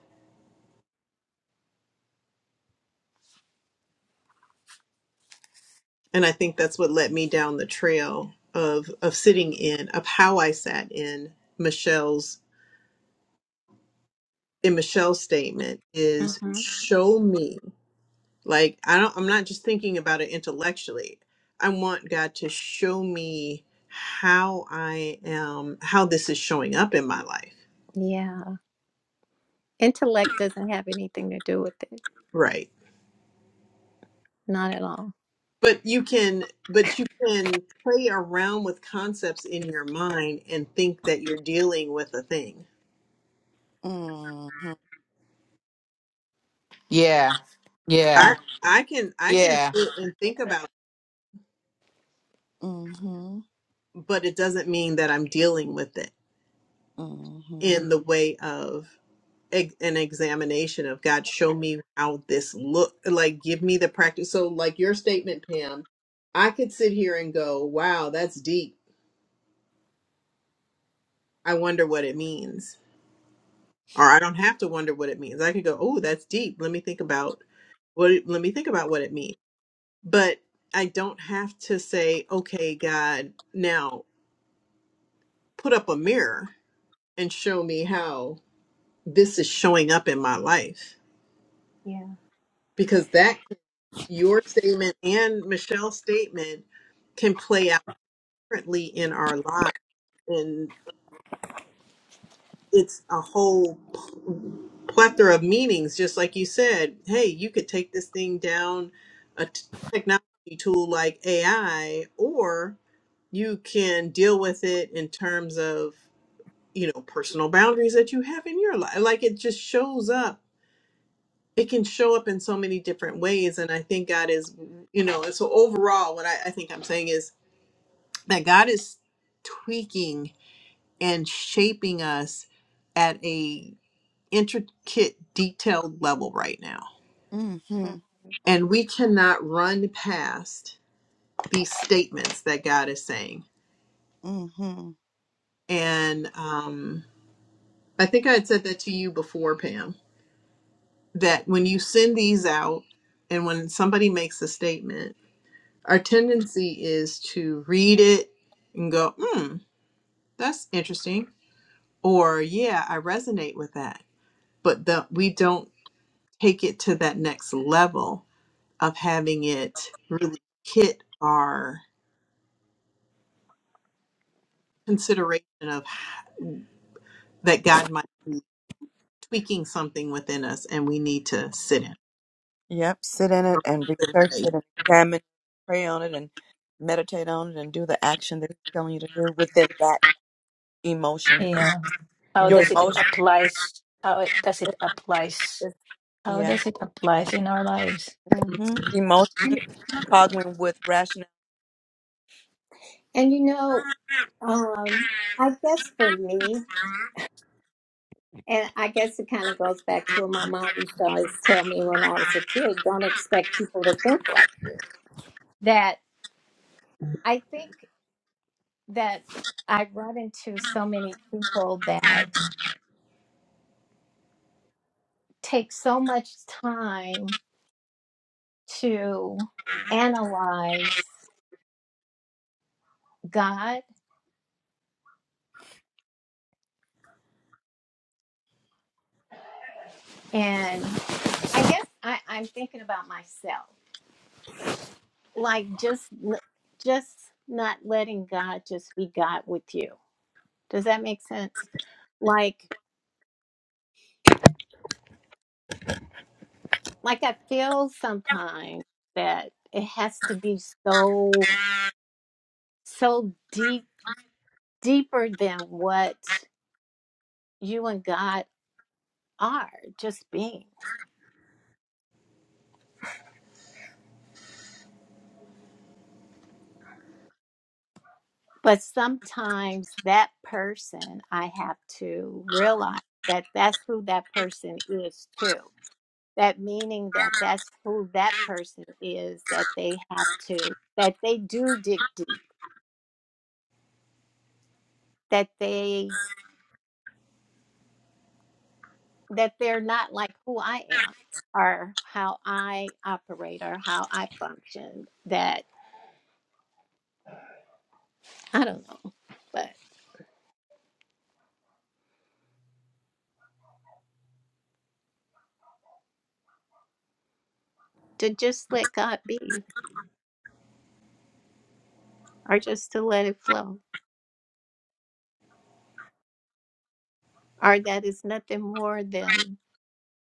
and i think that's what led me down the trail of of sitting in of how i sat in michelle's in michelle's statement is
hmm
show me Like I don't I'm not just thinking about it intellectually. I want God to show me how I am how this is showing up in my life.
Yeah, intellect doesn't have anything to do with it.
Right.
Not at all.
But you can but you can play around with concepts in your mind and think that you're dealing with a thing.
Yeah,
I
yeah,
I can I can
yeah.
sit and think about
Mm-hmm.
it, but it doesn't mean that I'm dealing with it
Mm-hmm.
in the way of ex- an examination of God, show me how this look like give me the practice. So like your statement, Pam, I could sit here and go, wow, that's deep. I wonder what it means. Or I don't have to wonder what it means. I could go, oh, that's deep. Let me think about what it- let me think about what it means. But I don't have to say, okay, God, now put up a mirror and show me how this is showing up in my life
Yeah.
because that your statement and Michelle's statement can play out differently in our lives. And it's a whole pl- plethora of meanings. Just like you said, hey, you could take this thing down a t- technology tool like AI, or you can deal with it in terms of, you know, personal boundaries that you have in your life. Like it just shows up. It can show up in so many different ways. And I think God is, you know, and so overall, what I, I think I'm saying is that God is tweaking and shaping us at a intricate detailed level right now
Mm-hmm.
and we cannot run past these statements that God is saying
Mm-hmm.
and um I think I had said that to you before Pam that when you send these out and when somebody makes a statement our tendency is to read it and go hmm that's interesting or yeah I resonate with that but the, we don't take it to that next level of having it really hit our consideration of that God might be tweaking something within us and we need to sit in.
Yep. Sit in it and research
Mhm.
it and examine, it, pray on it and meditate on it and do the action that it's telling you to do within that emotion. 'Cause
Yeah. How
Your
does it
emotion
applies? How it- does it
is,
applies?
is-
How
yeah.
does it applies in our lives?
hmm
Mhm.
Emotion
And,
toggling with rationale.
and you know, um, I guess for me, and I guess it kind of goes back to what my mom used to always tell me when I was a kid don't expect people to think like that. I think that I run into so many people that take so much time to analyze God. And I guess I, I'm thinking about myself. like just n- just not letting God just be God with you. Does that make sense? Like like I feel sometimes that it has to be so so deep deeper than what you and God are just being. But sometimes that person I have to realize that that's who that person is too. that meaning that that's who that person is that they have to that they do dig deep that they that they're not like who i am or how i operate or how i function that i don't know but to just let god be or just to let it flow or that is nothing more than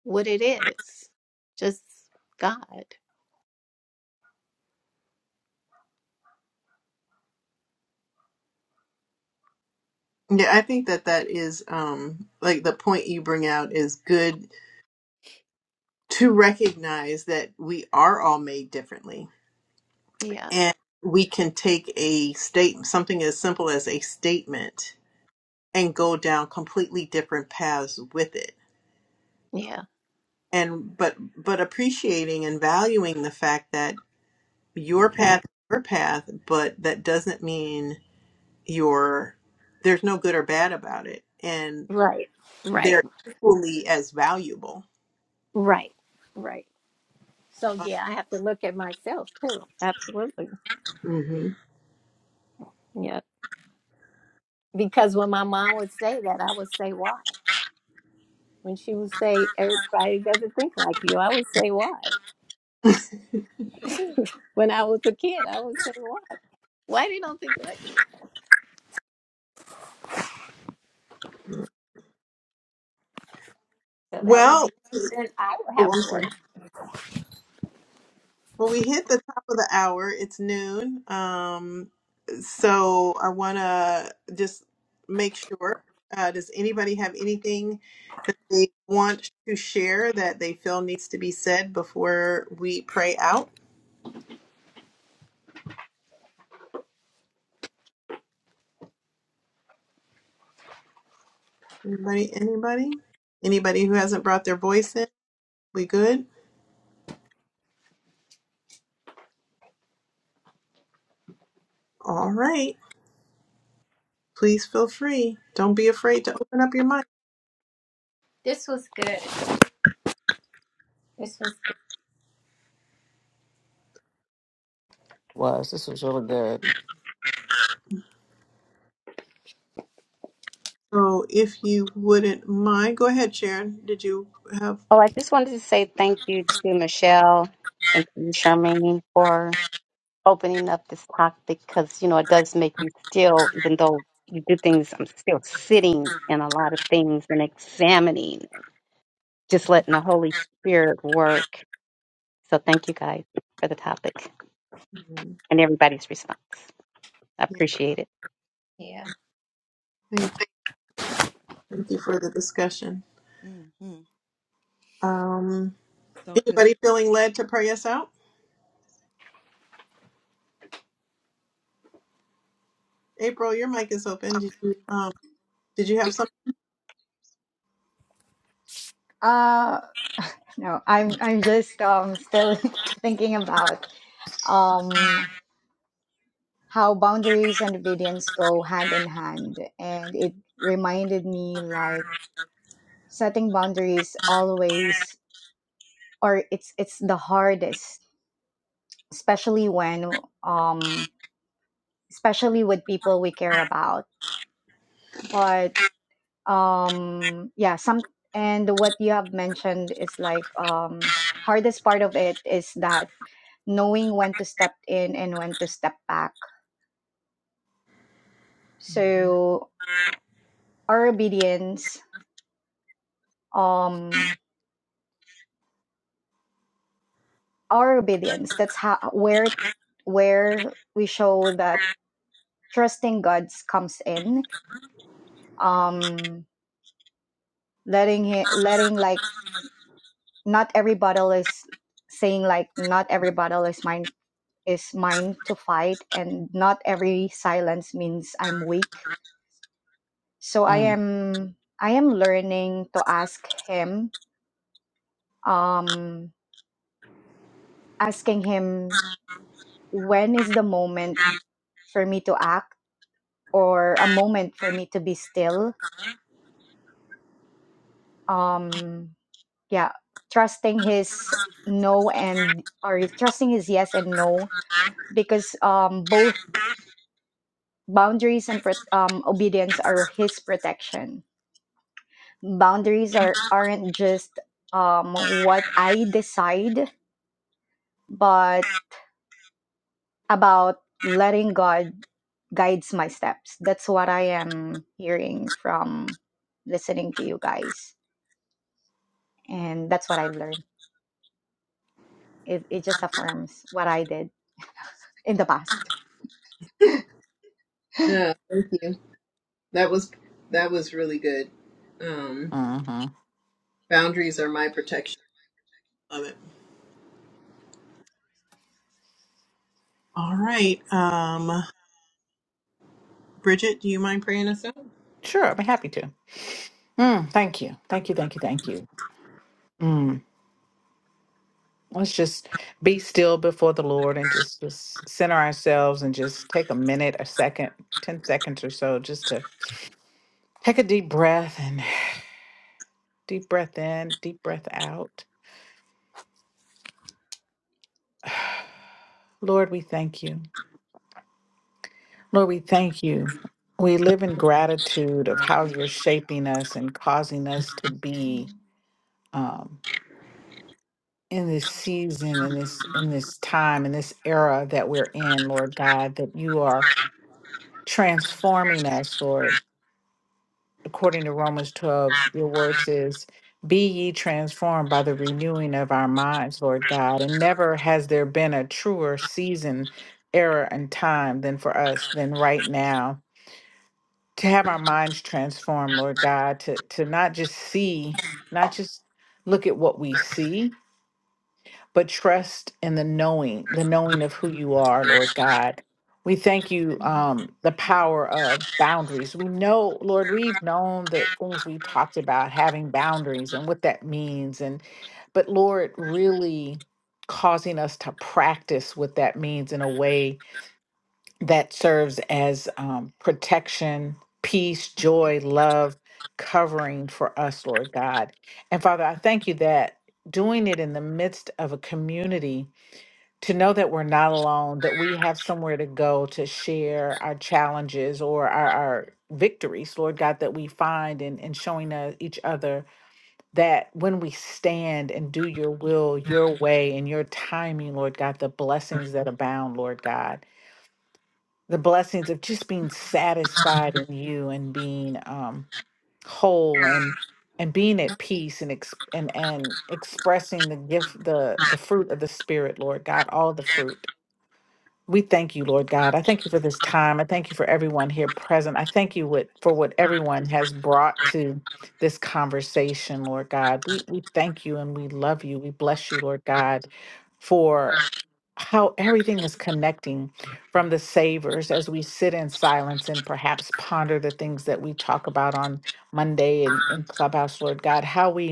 what it is just god
Yeah, I think that that is um like the point you bring out is good to recognize that we are all made differently
yeah
and we can take a state something as simple as a statement and go down completely different paths with it
yeah
and but but appreciating and valuing the fact that your path is your path but that doesn't mean your there's no good or bad about it and
right right
they're equally as valuable
right right So
Uh,
yeah, I have to look at myself too. Absolutely.
mhm.
Yeah. Because when my mom would say that, I would say why. When she would say everybody doesn't think like you, I would say why. when I was a kid, I would say why. Why they don't think like you? So that would
well
be then I would have to work.
Well, we hit the top of the hour. It's noon. Um, so I want to just make sure. Uh, does anybody have anything that they want to share that they feel needs to be said before we pray out? Anybody? Anybody? Anybody who hasn't brought their voice in? We good? All right. Please feel free. Don't be afraid to open up your mic.
This was good. This was good.
Was this was really good.
So, if you wouldn't mind, go ahead, Sharon. Did you have?
oh, I just wanted to say thank you to Michelle and to you, Charmaine, for opening up this topic because, you know, it does make you still, even though you do things, I'm still sitting in a lot of things and examining, just letting the Holy Spirit work. So thank you guys for the topic
Mhm.
and everybody's response. I
Yeah,
appreciate it.
Yeah.
thank you. Thank you for the discussion.
hmm
Um,
So good.
anybody feeling led to pray us out? April, your mic is open. Did you um did you have something?
Uh, no, I'm I'm just um still thinking about um how boundaries and obedience go hand in hand, and it reminded me like setting boundaries always or it's it's the hardest, especially when um especially with people we care about. But um yeah, some and what you have mentioned is like um hardest part of it is that knowing when to step in and when to step back. So our obedience, um, our obedience. That's how where where we show that trusting God's comes in. Um, letting him, letting like not every battle is saying like not every battle is mine is mine to fight, and not every silence means I'm weak. So I
Mm,
am I am learning to ask him um asking him when is the moment for me to act or a moment for me to be still um yeah trusting his no and or trusting his yes and no because um both boundaries and pro- um, obedience are his protection boundaries are aren't just um what i decide but about letting God guides my steps. That's what I am hearing from listening to you guys. And that's what I've learned. It, it just affirms what I did in the past.
Yeah, thank you. That was that was really good. Um,
hmm
boundaries are my protection. Love it. All right, um, Bridget, do you mind praying us out?
Sure, I'd be happy to. Mm, thank you, thank you, thank you, thank you. Mm. Let's just be still before the Lord and just just center ourselves and just take a minute, a second, ten seconds or so, just to take a deep breath and deep breath in, deep breath out. Lord, we thank you. Lord, we thank you. We live in gratitude of how you're shaping us and causing us to be
Mm.
um, in this season, in this in this time, in this era that we're in, Lord God, that you are transforming us, Lord. According to Romans 12, your word says, Be ye transformed by the renewing of our minds, Lord God. And never has there been a truer season, era, and time than for us than right now to have our minds transformed, Lord God, to to not just see, not just look at what we see, but trust in the knowing, the knowing of who you are, Lord God. We thank you,
Mhm.
um, the power of boundaries. We know, Lord, we've known the things we talked about, having boundaries and what that means. And but Lord, really causing us to practice what that means in a way that serves as um, protection, peace, joy, love, covering for us, Lord God. And Father, I thank you that doing it in the midst of a community, to know that we're not alone, that we have somewhere to go to share our challenges or our, our victories, Lord God, that we find in, in showing uh, each other that when we stand and do your will, your way, and your timing, Lord God, the blessings that abound, Lord God the blessings of just being satisfied in you and being um whole and and being at peace and ex- and and expressing the gift the the fruit of the spirit lord god all the fruit we thank you lord god i thank you for this time i thank you for everyone here present i thank you what for what everyone has brought to this conversation lord god we we thank you and we love you we bless you lord god for how everything is connecting from the savors as we sit in silence and perhaps ponder the things that we talk about on Monday in, in Clubhouse, Lord God, how we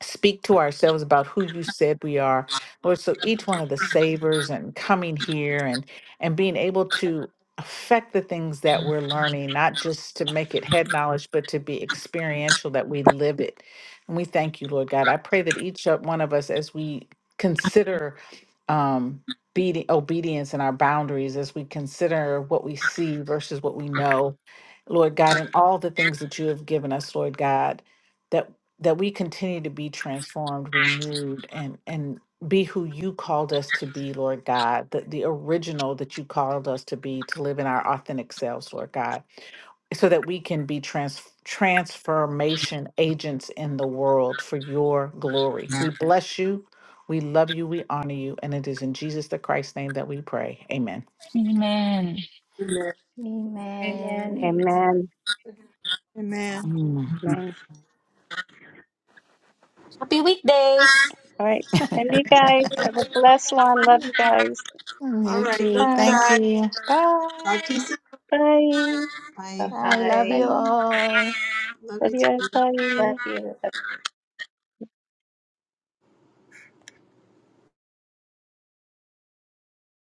speak to ourselves about who you said we are lord so each one of the savors and coming here and and being able to affect the things that we're learning not just to make it head knowledge but to be experiential that we live it and we thank you lord god i pray that each o- one of us as we consider um beating, obedience and our boundaries as we consider what we see versus what we know lord god and all the things that you have given us lord god that we continue to be transformed, renewed, and and be who you called us to be, Lord God, the, the original that you called us to be, to live in our authentic selves, Lord God, so that we can be trans transformation agents in the world for your glory. We bless you, we love you, we honor you, and it is in Jesus the Christ's name that we pray. Amen.
Amen.
Amen.
Amen.
Amen.
Amen.
Amen.
Mm.
Amen.
Happy weekdays.
All right. And you guys have a blessed one. Love you guys.
All
You
right.
too.
Thank you,
Bye.
Thank
guys.
you.
Talk
Bye.
to you soon.
Bye.
Bye.
I love
Bye.
you
I
all.
Love
Love
you
you guys. Bye.
love you.
too.